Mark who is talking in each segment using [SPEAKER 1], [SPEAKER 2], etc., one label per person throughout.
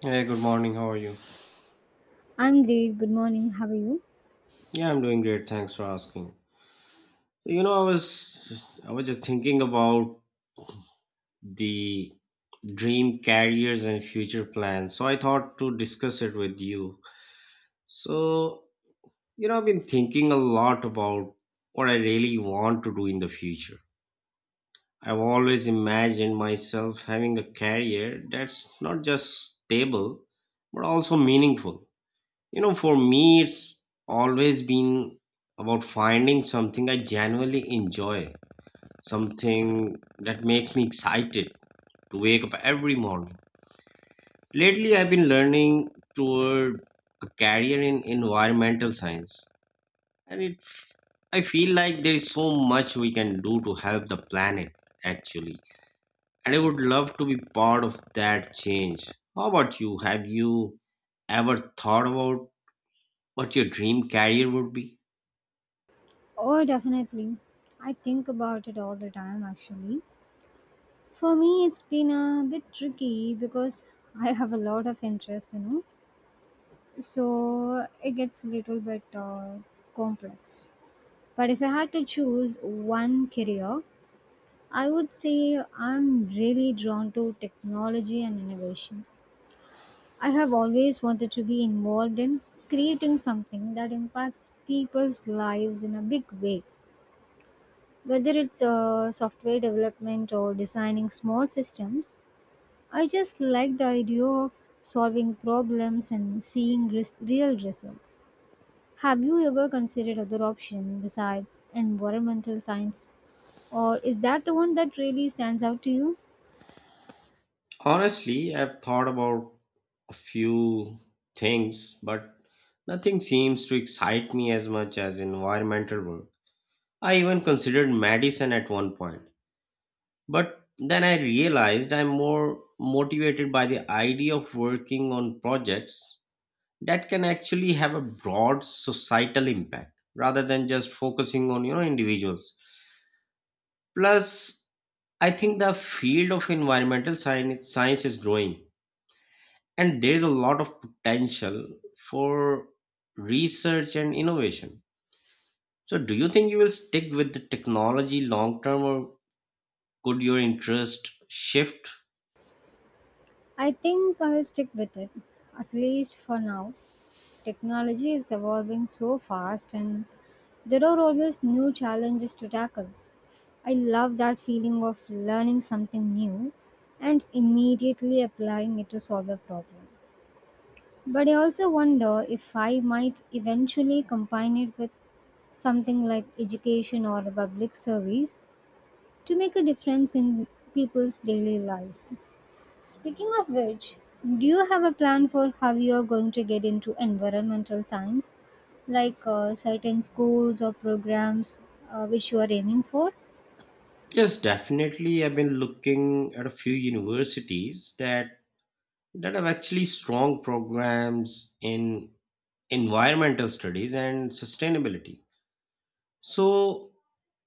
[SPEAKER 1] Hey, good morning. How are you?
[SPEAKER 2] I'm great. Good morning. How are you?
[SPEAKER 1] Yeah, I'm doing great. Thanks for asking. I was just thinking about the dream careers and future plans. So I thought to discuss it with you. So, I've been thinking a lot about what I really want to do in the future. I've always imagined myself having a career that's not just stable, but also meaningful. For me, it's always been about finding something I genuinely enjoy, something that makes me excited to wake up every morning. Lately, I've been learning toward a career in environmental science, and it I feel like there is so much we can do to help the planet actually, and I would love to be part of that change. How about you? Have you ever thought about what your dream career would be?
[SPEAKER 2] Oh, definitely. I think about it all the time, actually. For me, it's been a bit tricky because I have a lot of interest. So it gets a little bit complex. But if I had to choose one career, I would say I'm really drawn to technology and innovation. I have always wanted to be involved in creating something that impacts people's lives in a big way. Whether it's software development or designing small systems, I just like the idea of solving problems and seeing real results. Have you ever considered other option besides environmental science? Or is that the one that really stands out to you?
[SPEAKER 1] Honestly, I've thought about a few things, but nothing seems to excite me as much as environmental work. I even considered medicine at one point, but then I realized I'm more motivated by the idea of working on projects that can actually have a broad societal impact rather than just focusing on, you know, individuals. Plus, I think the field of environmental science is growing. And there is a lot of potential for research and innovation. So, do you think you will stick with the technology long term or could your interest shift?
[SPEAKER 2] I think I'll stick with it, at least for now. Technology is evolving so fast and there are always new challenges to tackle. I love that feeling of learning something new and immediately applying it to solve a problem. But I also wonder if I might eventually combine it with something like education or public service to make a difference in people's daily lives. Speaking of which, do you have a plan for how you are going to get into environmental science? Like certain schools or programs which you are aiming for?
[SPEAKER 1] Yes, definitely. I've been looking at a few universities that have actually strong programs in environmental studies and sustainability. So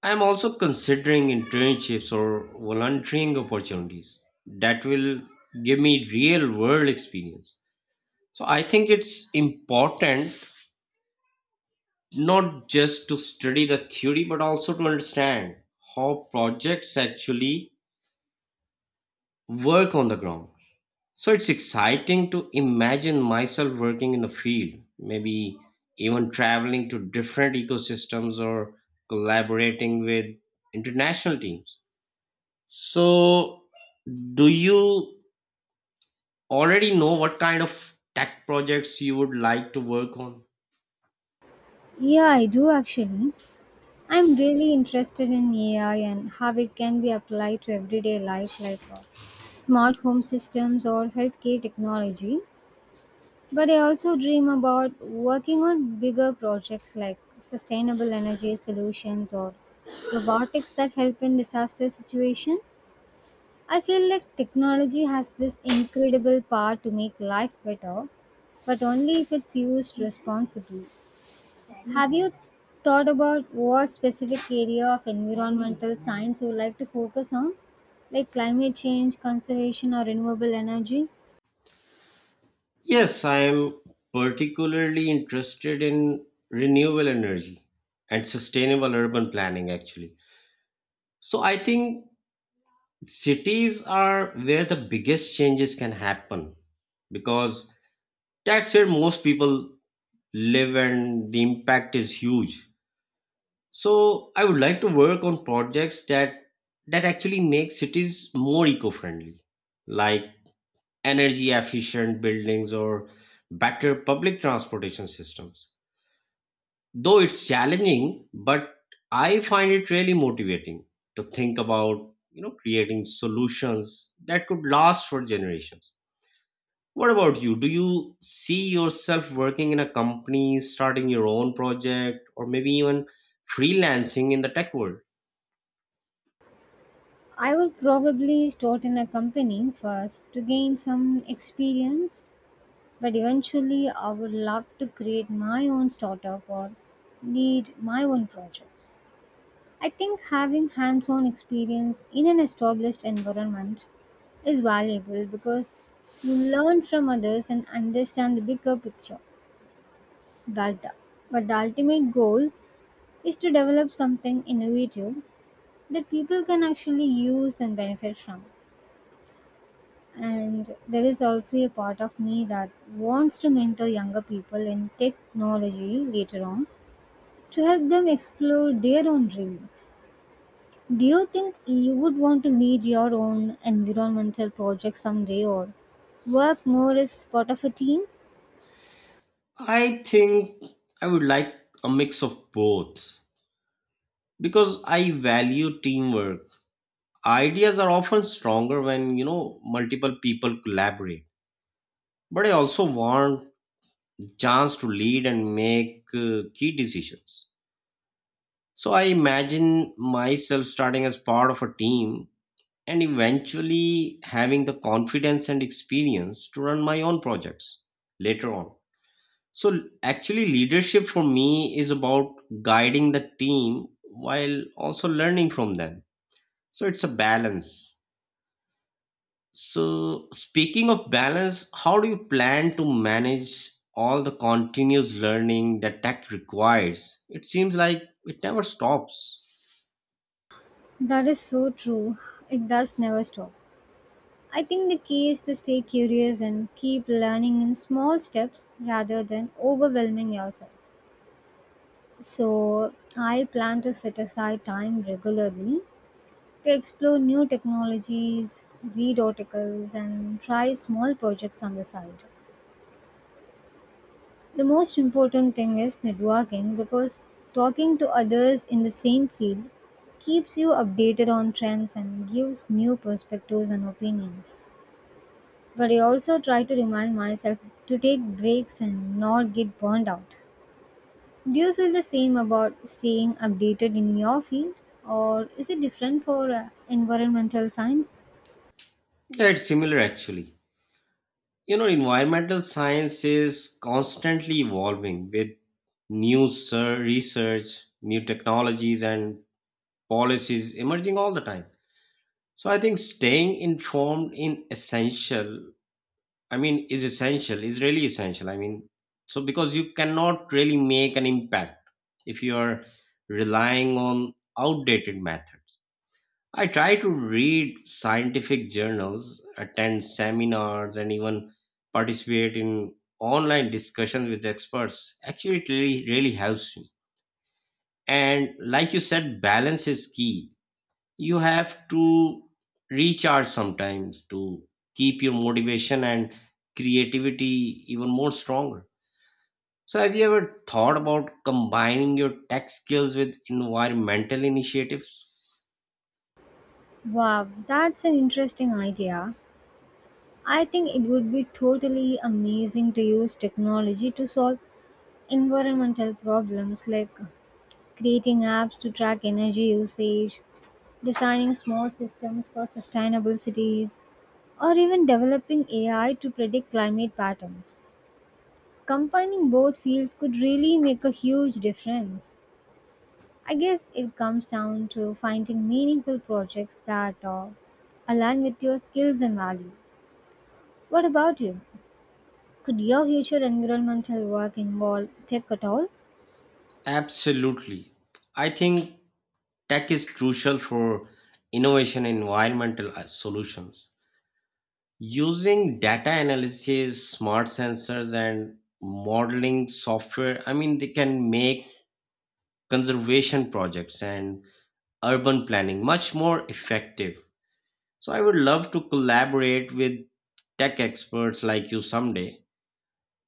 [SPEAKER 1] I am also considering internships or volunteering opportunities that will give me real world experience. So I think it's important not just to study the theory but also to understand how projects actually work on the ground. So it's exciting to imagine myself working in the field, maybe even traveling to different ecosystems or collaborating with international teams. So, do you already know what kind of tech projects you would like to work on?
[SPEAKER 2] Yeah, I do actually. I'm really interested in AI and how it can be applied to everyday life, like smart home systems or healthcare technology. But I also dream about working on bigger projects like sustainable energy solutions or robotics that help in disaster situation. I feel like technology has this incredible power to make life better, but only if it's used responsibly. Have you thought about what specific area of environmental science you would like to focus on, like climate change, conservation, or renewable energy?
[SPEAKER 1] Yes, I am particularly interested in renewable energy and sustainable urban planning, actually. So, I think cities are where the biggest changes can happen because that's where most people live and the impact is huge. So I would like to work on projects that actually make cities more eco-friendly, like energy efficient buildings or better public transportation systems. Though it's challenging, but I find it really motivating to think about, you know, creating solutions that could last for generations. What about you? Do you see yourself working in a company, starting your own project, or maybe even freelancing in the tech world?
[SPEAKER 2] I would probably start in a company first to gain some experience, but eventually, I would love to create my own startup or lead my own projects. I think having hands on experience in an established environment is valuable because you learn from others and understand the bigger picture. But the, but the ultimate goal is to develop something innovative that people can actually use and benefit from. And there is also a part of me that wants to mentor younger people in technology later on to help them explore their own dreams. Do you think you would want to lead your own environmental project someday or work more as part of a team?
[SPEAKER 1] I think I would like a mix of both because I value teamwork. Ideas are often stronger when, you know, multiple people collaborate. But I also want chance to lead and make key decisions. So I imagine myself starting as part of a team and eventually having the confidence and experience to run my own projects later on. So actually, leadership for me is about guiding the team while also learning from them. So it's a balance. So speaking of balance, how do you plan to manage all the continuous learning that tech requires? It seems like it never stops.
[SPEAKER 2] That is so true. It does never stop. I think the key is to stay curious and keep learning in small steps rather than overwhelming yourself. So, I plan to set aside time regularly to explore new technologies, read articles, and try small projects on the side. The most important thing is networking because talking to others in the same field keeps you updated on trends and gives new perspectives and opinions. But I also try to remind myself to take breaks and not get burned out. Do you feel the same about staying updated in your field or is it different for environmental science?
[SPEAKER 1] Yeah, it's similar actually. You know, environmental science is constantly evolving with research, new technologies, and policies emerging all the time. So I think staying informed in essential, I mean, is essential, is really essential. I mean, so because you cannot really make an impact if you are relying on outdated methods. I try to read scientific journals, attend seminars, and even participate in online discussions with experts. Actually, it really, really helps me. And like you said, balance is key. You have to recharge sometimes to keep your motivation and creativity even more stronger. So have you ever thought about combining your tech skills with environmental initiatives?
[SPEAKER 2] Wow, that's an interesting idea. I think it would be totally amazing to use technology to solve environmental problems like creating apps to track energy usage, designing small systems for sustainable cities, or even developing AI to predict climate patterns. Combining both fields could really make a huge difference. I guess it comes down to finding meaningful projects that align with your skills and value. What about you? Could your future environmental work involve tech at all?
[SPEAKER 1] Absolutely. I think tech is crucial for innovation in environmental solutions. Using data analysis smart sensors and modeling software, I mean, they can make conservation projects and urban planning much more effective. So I would love to collaborate with tech experts like you someday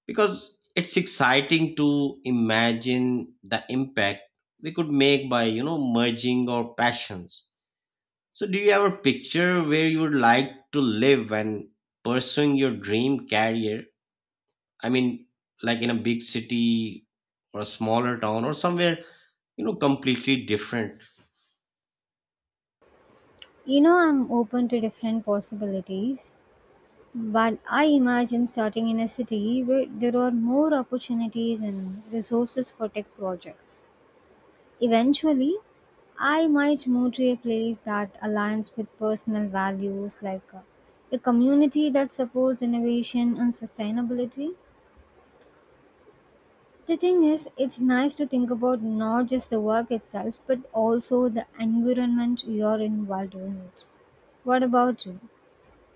[SPEAKER 1] because it's exciting to imagine the impact we could make by, you know, merging our passions. So do you have a picture where you would like to live and pursuing your dream career? I mean, like in a big city or a smaller town or somewhere, you know, completely different.
[SPEAKER 2] You know, I'm open to different possibilities. But I imagine starting in a city where there are more opportunities and resources for tech projects. Eventually, I might move to a place that aligns with personal values like a community that supports innovation and sustainability. The thing is, it's nice to think about not just the work itself, but also the environment you're in while doing it. What about you?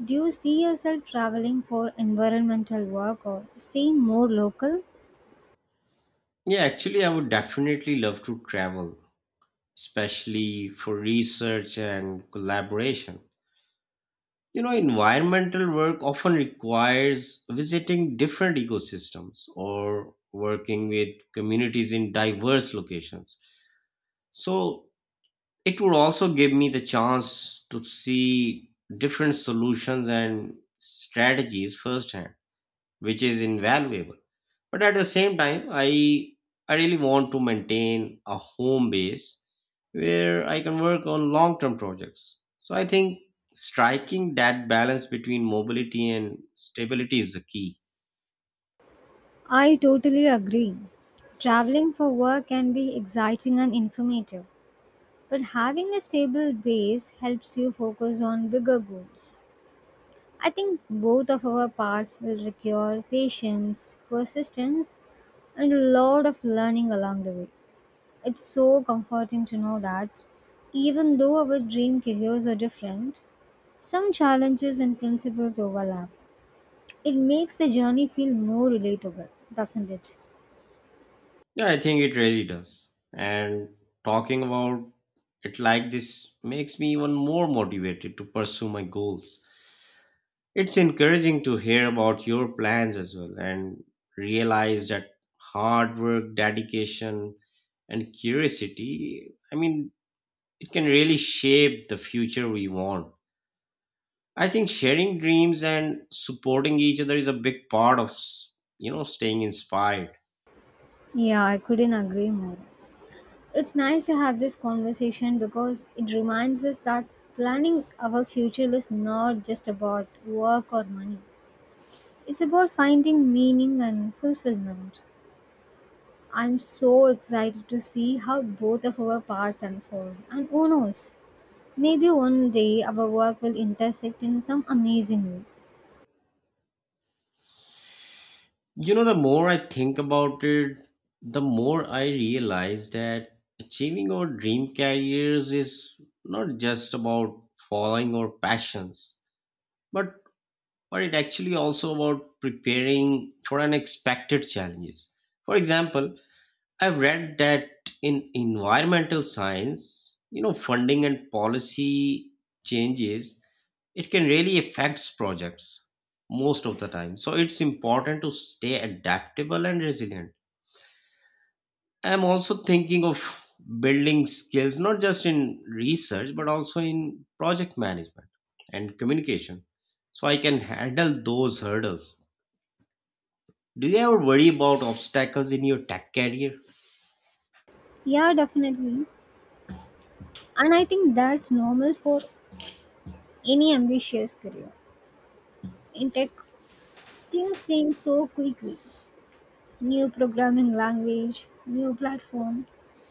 [SPEAKER 2] Do you see yourself traveling for environmental work or staying more local?
[SPEAKER 1] Yeah, actually, I would definitely love to travel especially for research and collaboration. You know, environmental work often requires visiting different ecosystems or working with communities in diverse locations. So it would also give me the chance to see different solutions and strategies firsthand, which is invaluable. But at the same time, I really want to maintain a home base where I can work on long term projects. So I think striking that balance between mobility and stability is the key.
[SPEAKER 2] I totally agree. Traveling for work can be exciting and informative, but having a stable base helps you focus on bigger goals. I think both of our paths will require patience, persistence, and a lot of learning along the way. It's so comforting to know that even though our dream careers are different, some challenges and principles overlap. It makes the journey feel more relatable, doesn't it?
[SPEAKER 1] Yeah, I think it really does. And talking about it like this makes me even more motivated to pursue my goals. It's encouraging to hear about your plans as well and realize that hard work dedication and curiosity, I mean, it can really shape the future we want. I think sharing dreams and supporting each other is a big part of, you know, staying inspired.
[SPEAKER 2] Yeah, I couldn't agree more. It's nice to have this conversation because it reminds us that planning our future is not just about work or money. It's about finding meaning and fulfillment. I'm so excited to see how both of our paths unfold. And who knows, maybe one day our work will intersect in some amazing way.
[SPEAKER 1] You know, the more I think about it, the more I realize that achieving our dream careers is not just about following our passions, but but it actually also about preparing for unexpected challenges. For example, I've read that in environmental science, you know, funding and policy changes, it can really affect projects most of the time. So it's important to stay adaptable and resilient. I'm also thinking of building skills not just in research but also in project management and communication so I can handle those hurdles. Do you ever worry about obstacles in your tech career?
[SPEAKER 2] Yeah, definitely. And I think that's normal for any ambitious career. In tech, things change so quickly. New programming language, new platform,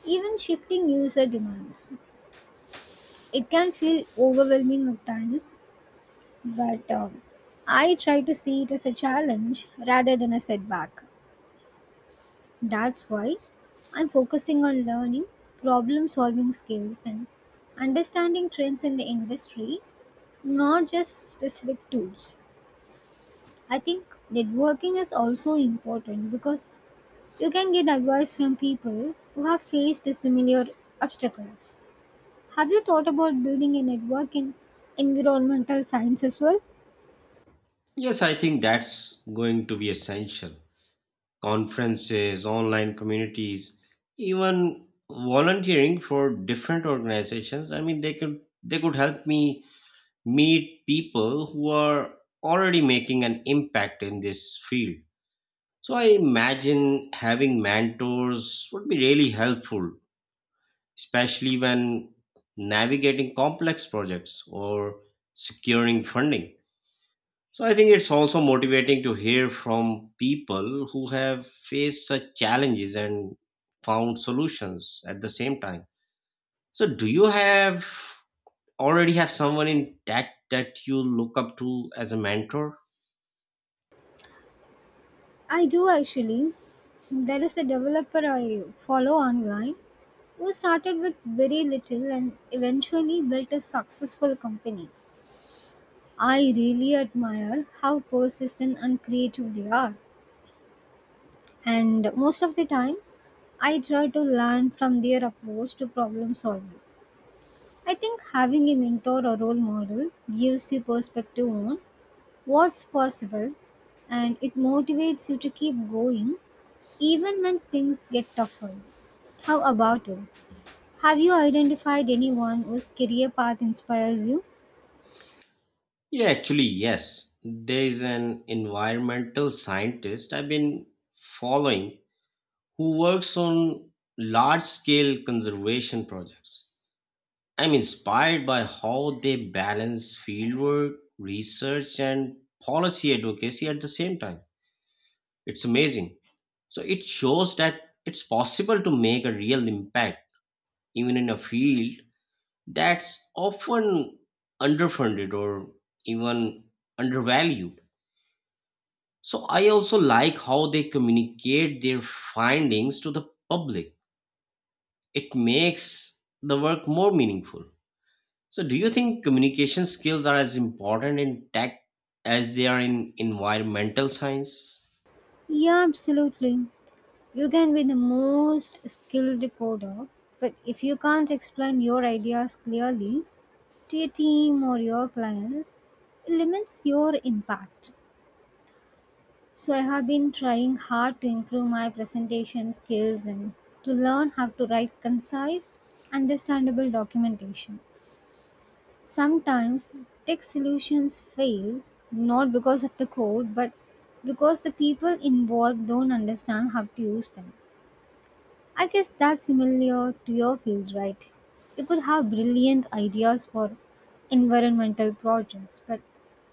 [SPEAKER 2] even shifting user demands. It can feel overwhelming at times, but I try to see it as a challenge rather than a setback. That's why I'm focusing on learning problem solving skills and understanding trends in the industry, not just specific tools. I think networking is also important because you can get advice from people who have faced similar obstacles. Have you thought about building a network in environmental science as well?
[SPEAKER 1] Yes, I think that's going to be essential. Conferences, online communities, even volunteering for different organizations. I mean, they could help me meet people who are already making an impact in this field. So I imagine having mentors would be really helpful, especially when navigating complex projects or securing funding. So I think it's also motivating to hear from people who have faced such challenges and found solutions at the same time. So do you have already have someone in tech that you look up to as a mentor?
[SPEAKER 2] I do actually. There is a developer I follow online who started with very little and eventually built a successful company. I really admire how persistent and creative they are. And most of the time, I try to learn from their approach to problem solving. I think having a mentor or role model gives you perspective on what's possible and it motivates you to keep going even when things get tougher. How about you? Have you identified anyone whose career path inspires you?
[SPEAKER 1] Yeah, actually, yes. There is an environmental scientist I've been following who works on large scale conservation projects. I'm inspired by how they balance fieldwork, research, and policy advocacy at the same time. It's amazing. So it shows that it's possible to make a real impact even in a field that's often underfunded or even undervalued. So I also like how they communicate their findings to the public. It makes the work more meaningful. So, do you think communication skills are as important in tech as they are in environmental science?
[SPEAKER 2] Yeah, absolutely. You can be the most skilled coder, but if you can't explain your ideas clearly, to your team or your clients limits your impact. So, I have been trying hard to improve my presentation skills and to learn how to write concise, understandable documentation. Sometimes tech solutions fail not because of the code but because the people involved don't understand how to use them. I guess that's similar to your field, right? You could have brilliant ideas for environmental projects, but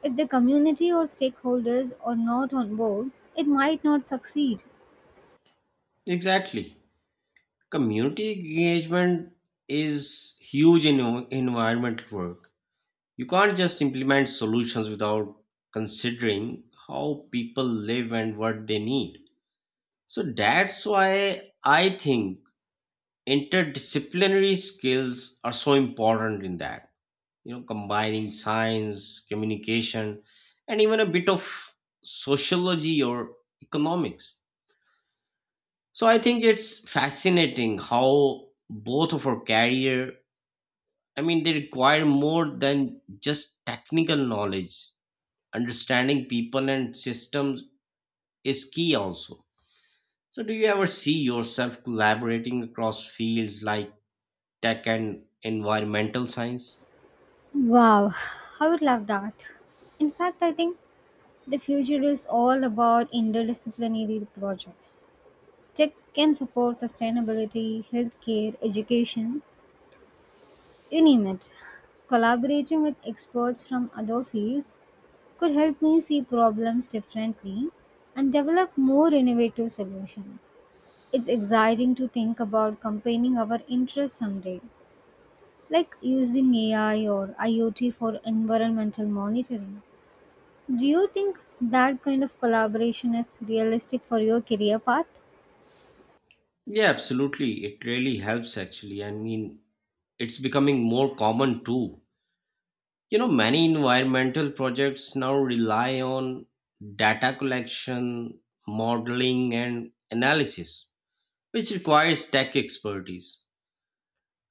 [SPEAKER 2] if the community or stakeholders are not on board, it might not succeed.
[SPEAKER 1] Exactly. Community engagement is huge in environmental work. You can't just implement solutions without considering how people live and what they need. So, that's why I think interdisciplinary skills are so important in that. You know, combining science communication and even a bit of sociology or economics. So I think it's fascinating how both of our career, I mean, they require more than just technical knowledge. Understanding people and systems is key also. So do you ever see yourself collaborating across fields like tech and environmental science?
[SPEAKER 2] Wow, I would love that. In fact, I think the future is all about interdisciplinary projects. Tech can support sustainability, healthcare, education, you name it. Collaborating with experts from other fields could help me see problems differently and develop more innovative solutions. It's exciting to think about combining our interests someday, like using AI or IoT for environmental monitoring. Do you think that kind of collaboration is realistic for your career path?
[SPEAKER 1] Yeah, absolutely. It really helps actually. I mean, it's becoming more common too. You know, many environmental projects now rely on data collection, modeling, and analysis, which requires tech expertise.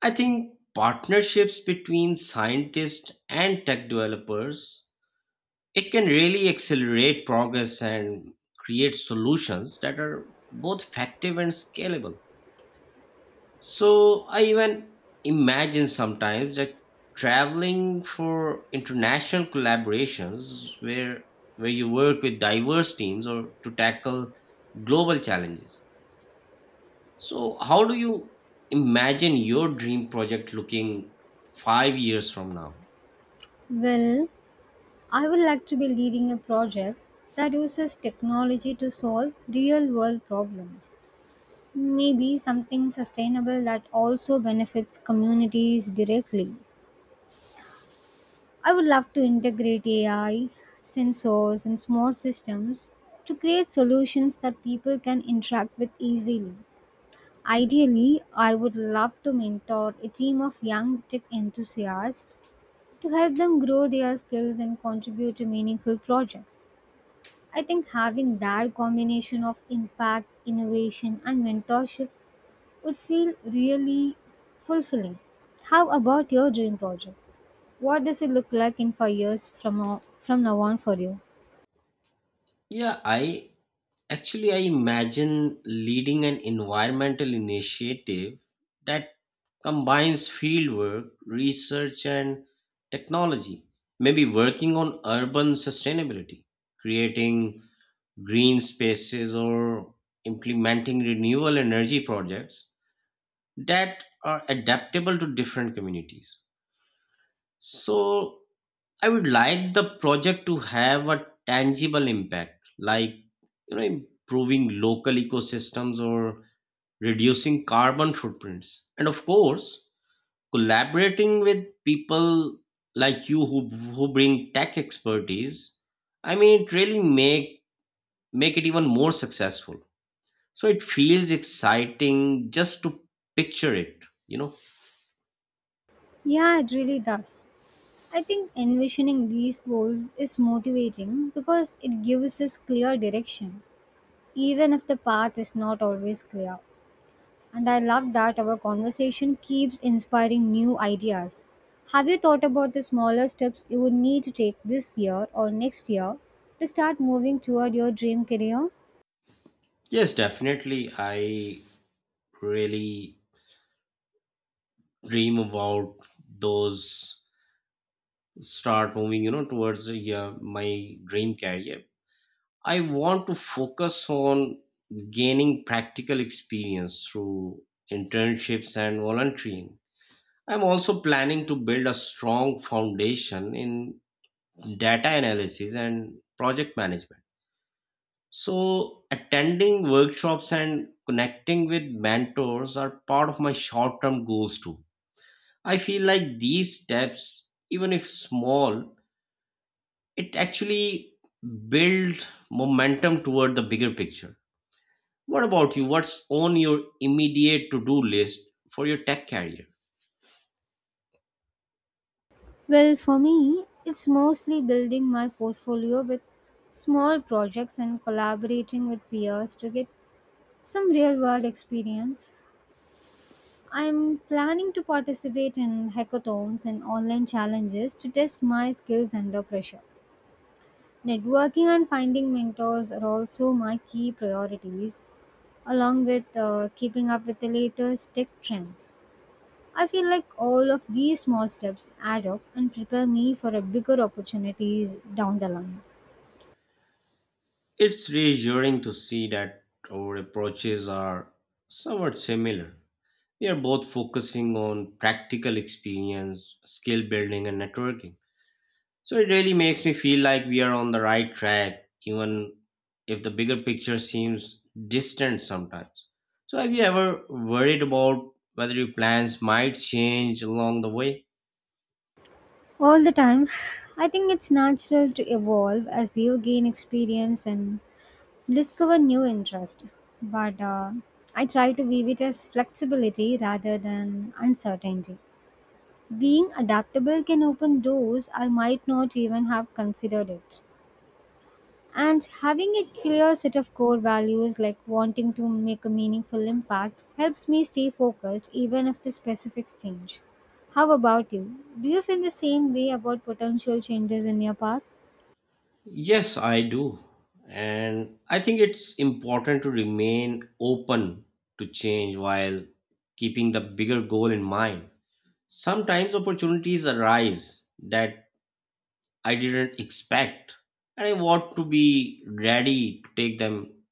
[SPEAKER 1] I think partnerships between scientists and tech developers, it can really accelerate progress and create solutions that are both effective and scalable. So I even imagine sometimes that traveling for international collaborations where you work with diverse teams or to tackle global challenges. So how do you imagine your dream project looking 5 years from now?
[SPEAKER 2] Well, I would like to be leading a project that uses technology to solve real world problems. Maybe something sustainable that also benefits communities directly. I would love to integrate AI, sensors, and smart systems to create solutions that people can interact with easily. Ideally, I would love to mentor a team of young tech enthusiasts to help them grow their skills and contribute to meaningful projects. I think having that combination of impact, innovation, and mentorship would feel really fulfilling. How about your dream project? What does it look like in 5 years from now on for you?
[SPEAKER 1] Yeah, I Actually, I imagine leading an environmental initiative that combines fieldwork, research, and technology. Maybe working on urban sustainability, creating green spaces, or implementing renewable energy projects that are adaptable to different communities. So, I would like the project to have a tangible impact, like you know, improving local ecosystems or reducing carbon footprints. And of course, collaborating with people like you who bring tech expertise. I mean, it really make it even more successful. So it feels exciting just to picture it, you know.
[SPEAKER 2] Yeah, it really does. I think envisioning these goals is motivating because it gives us clear direction, even if the path is not always clear. And I love that our conversation keeps inspiring new ideas. Have you thought about the smaller steps you would need to take this year or next year to start moving toward your dream career?
[SPEAKER 1] Yes, definitely. I really dream about those start moving you know towards yeah, my dream career. I want to focus on gaining practical experience through internships and volunteering. I'm also planning to build a strong foundation in data analysis and project management. So attending workshops and connecting with mentors are part of my short term goals too. I feel like these steps even if small, it actually builds momentum toward the bigger picture. What about you? What's on your immediate to do list for your tech career?
[SPEAKER 2] Well, for me, it's mostly building my portfolio with small projects and collaborating with peers to get some real world experience. I'm planning to participate in hackathons and online challenges to test my skills under pressure. Networking and finding mentors are also my key priorities, along with keeping up with the latest tech trends. I feel like all of these small steps add up and prepare me for a bigger opportunities down the line.
[SPEAKER 1] It's reassuring to see that our approaches are somewhat similar. We are both focusing on practical experience, skill building, and networking. So it really makes me feel like we are on the right track, even if the bigger picture seems distant sometimes. So have you ever worried about whether your plans might change along the way?
[SPEAKER 2] All the time. I think it's natural to evolve as you gain experience and discover new interest. But I try to view it as flexibility rather than uncertainty. Being adaptable can open doors I might not even have considered it. And having a clear set of core values, like wanting to make a meaningful impact, helps me stay focused even if the specifics change. How about you? Do you feel the same way about potential changes in your path?
[SPEAKER 1] Yes, I do. And I think it's important to remain open to change while keeping the bigger goal in mind. Sometimes opportunities arise that I didn't expect, and I want to be ready to take them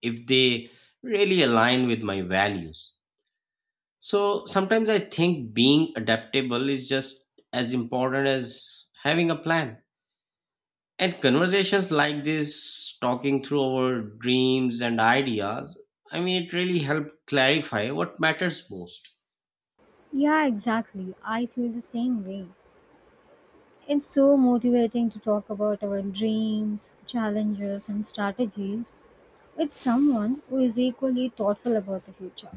[SPEAKER 1] if they really align with my values. So sometimes I think being adaptable is just as important as having a plan. And conversations like this, talking through our dreams and ideas, I mean, it really helped clarify what matters most.
[SPEAKER 2] Yeah, exactly. I feel the same way. It's so motivating to talk about our dreams, challenges, and strategies with someone who is equally thoughtful about the future.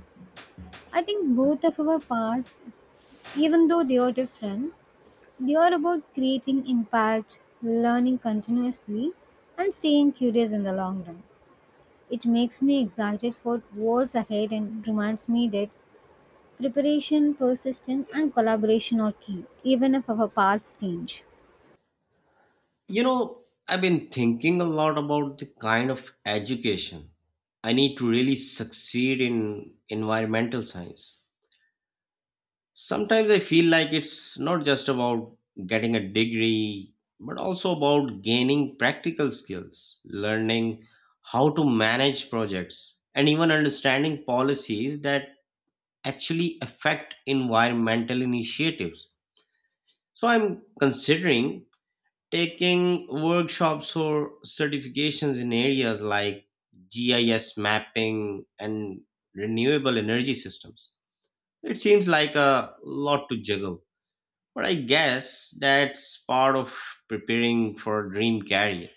[SPEAKER 2] I think both of our paths, even though they are different, they are about creating impact, learning continuously, and staying curious in the long run. It makes me excited for what's ahead and reminds me that preparation, persistence, and collaboration are key, even if our paths change.
[SPEAKER 1] You know, I've been thinking a lot about the kind of education I need to really succeed in environmental science. Sometimes I feel like it's not just about getting a degree, but also about gaining practical skills, learning how to manage projects, and even understanding policies that actually affect environmental initiatives. So I'm considering taking workshops or certifications in areas like GIS mapping and renewable energy systems. It seems like a lot to juggle but I guess that's part of preparing for a dream career.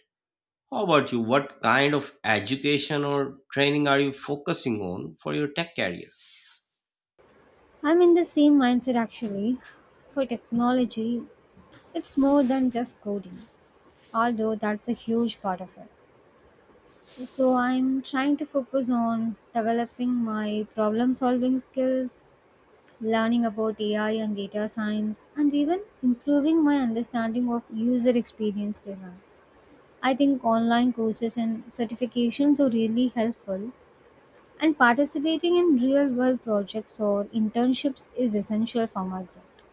[SPEAKER 1] How about you? What kind of education or training are you focusing on for your tech career?
[SPEAKER 2] I'm in the same mindset actually. For technology, it's more than just coding, although that's a huge part of it. So I'm trying to focus on developing my problem solving skills learning about AI and data science, and even improving my understanding of user experience design. I think online courses and certifications are really helpful, and participating in real world projects or internships is essential for my growth.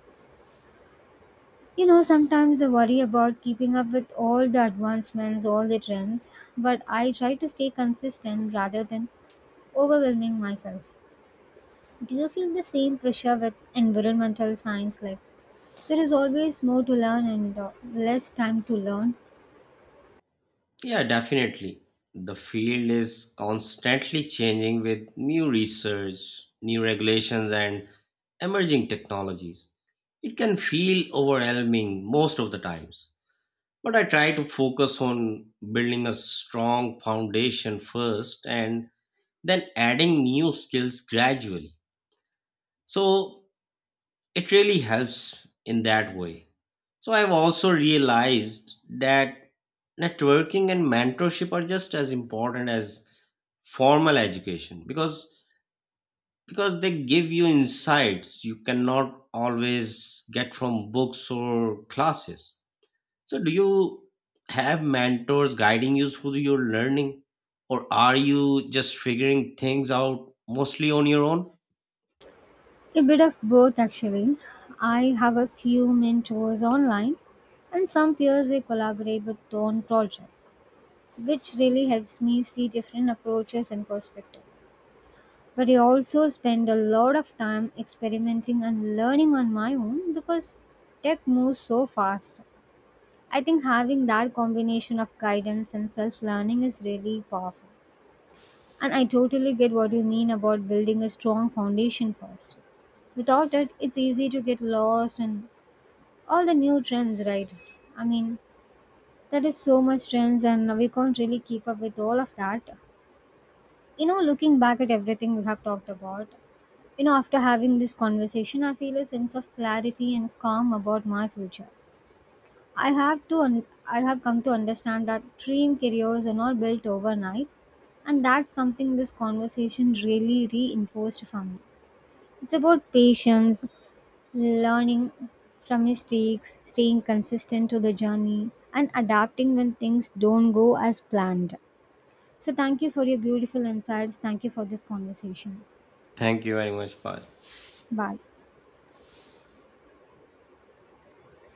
[SPEAKER 2] You know, sometimes I worry about keeping up with all the advancements, all the trends, but I try to stay consistent rather than overwhelming myself. Do you feel the same pressure with environmental science like there is always more to learn and less time to learn.
[SPEAKER 1] Yeah, definitely. The field is constantly changing with new research, new regulations, and emerging technologies. It can feel overwhelming most of the times. But I try to focus on building a strong foundation first and then adding new skills gradually. So it really helps in that way. So I've also realized that networking and mentorship are just as important as formal education because they give you insights you cannot always get from books or classes. So do you have mentors guiding you through your learning or are you just figuring things out mostly on your own?
[SPEAKER 2] A bit of both, actually. I have a few mentors online and some peers I collaborate with on projects, which really helps me see different approaches and perspectives. But I also spend a lot of time experimenting and learning on my own because tech moves so fast. I think having that combination of guidance and self learning is really powerful. And I totally get what you mean about building a strong foundation first. Without it, it's easy to get lost in all the new trends, right? I mean, there is so much trends and we can't really keep up with all of that. You know, looking back at everything we have talked about, you know, after having this conversation, I feel a sense of clarity and calm about my future. I have to un- I have come to understand that dream careers are not built overnight and that's something this conversation really reinforced for me. It's about patience, learning from mistakes, staying consistent to the journey and adapting when things don't go as planned. So thank you for your beautiful insights. Thank you for this conversation.
[SPEAKER 1] Thank you very much, Paul.
[SPEAKER 2] Bye.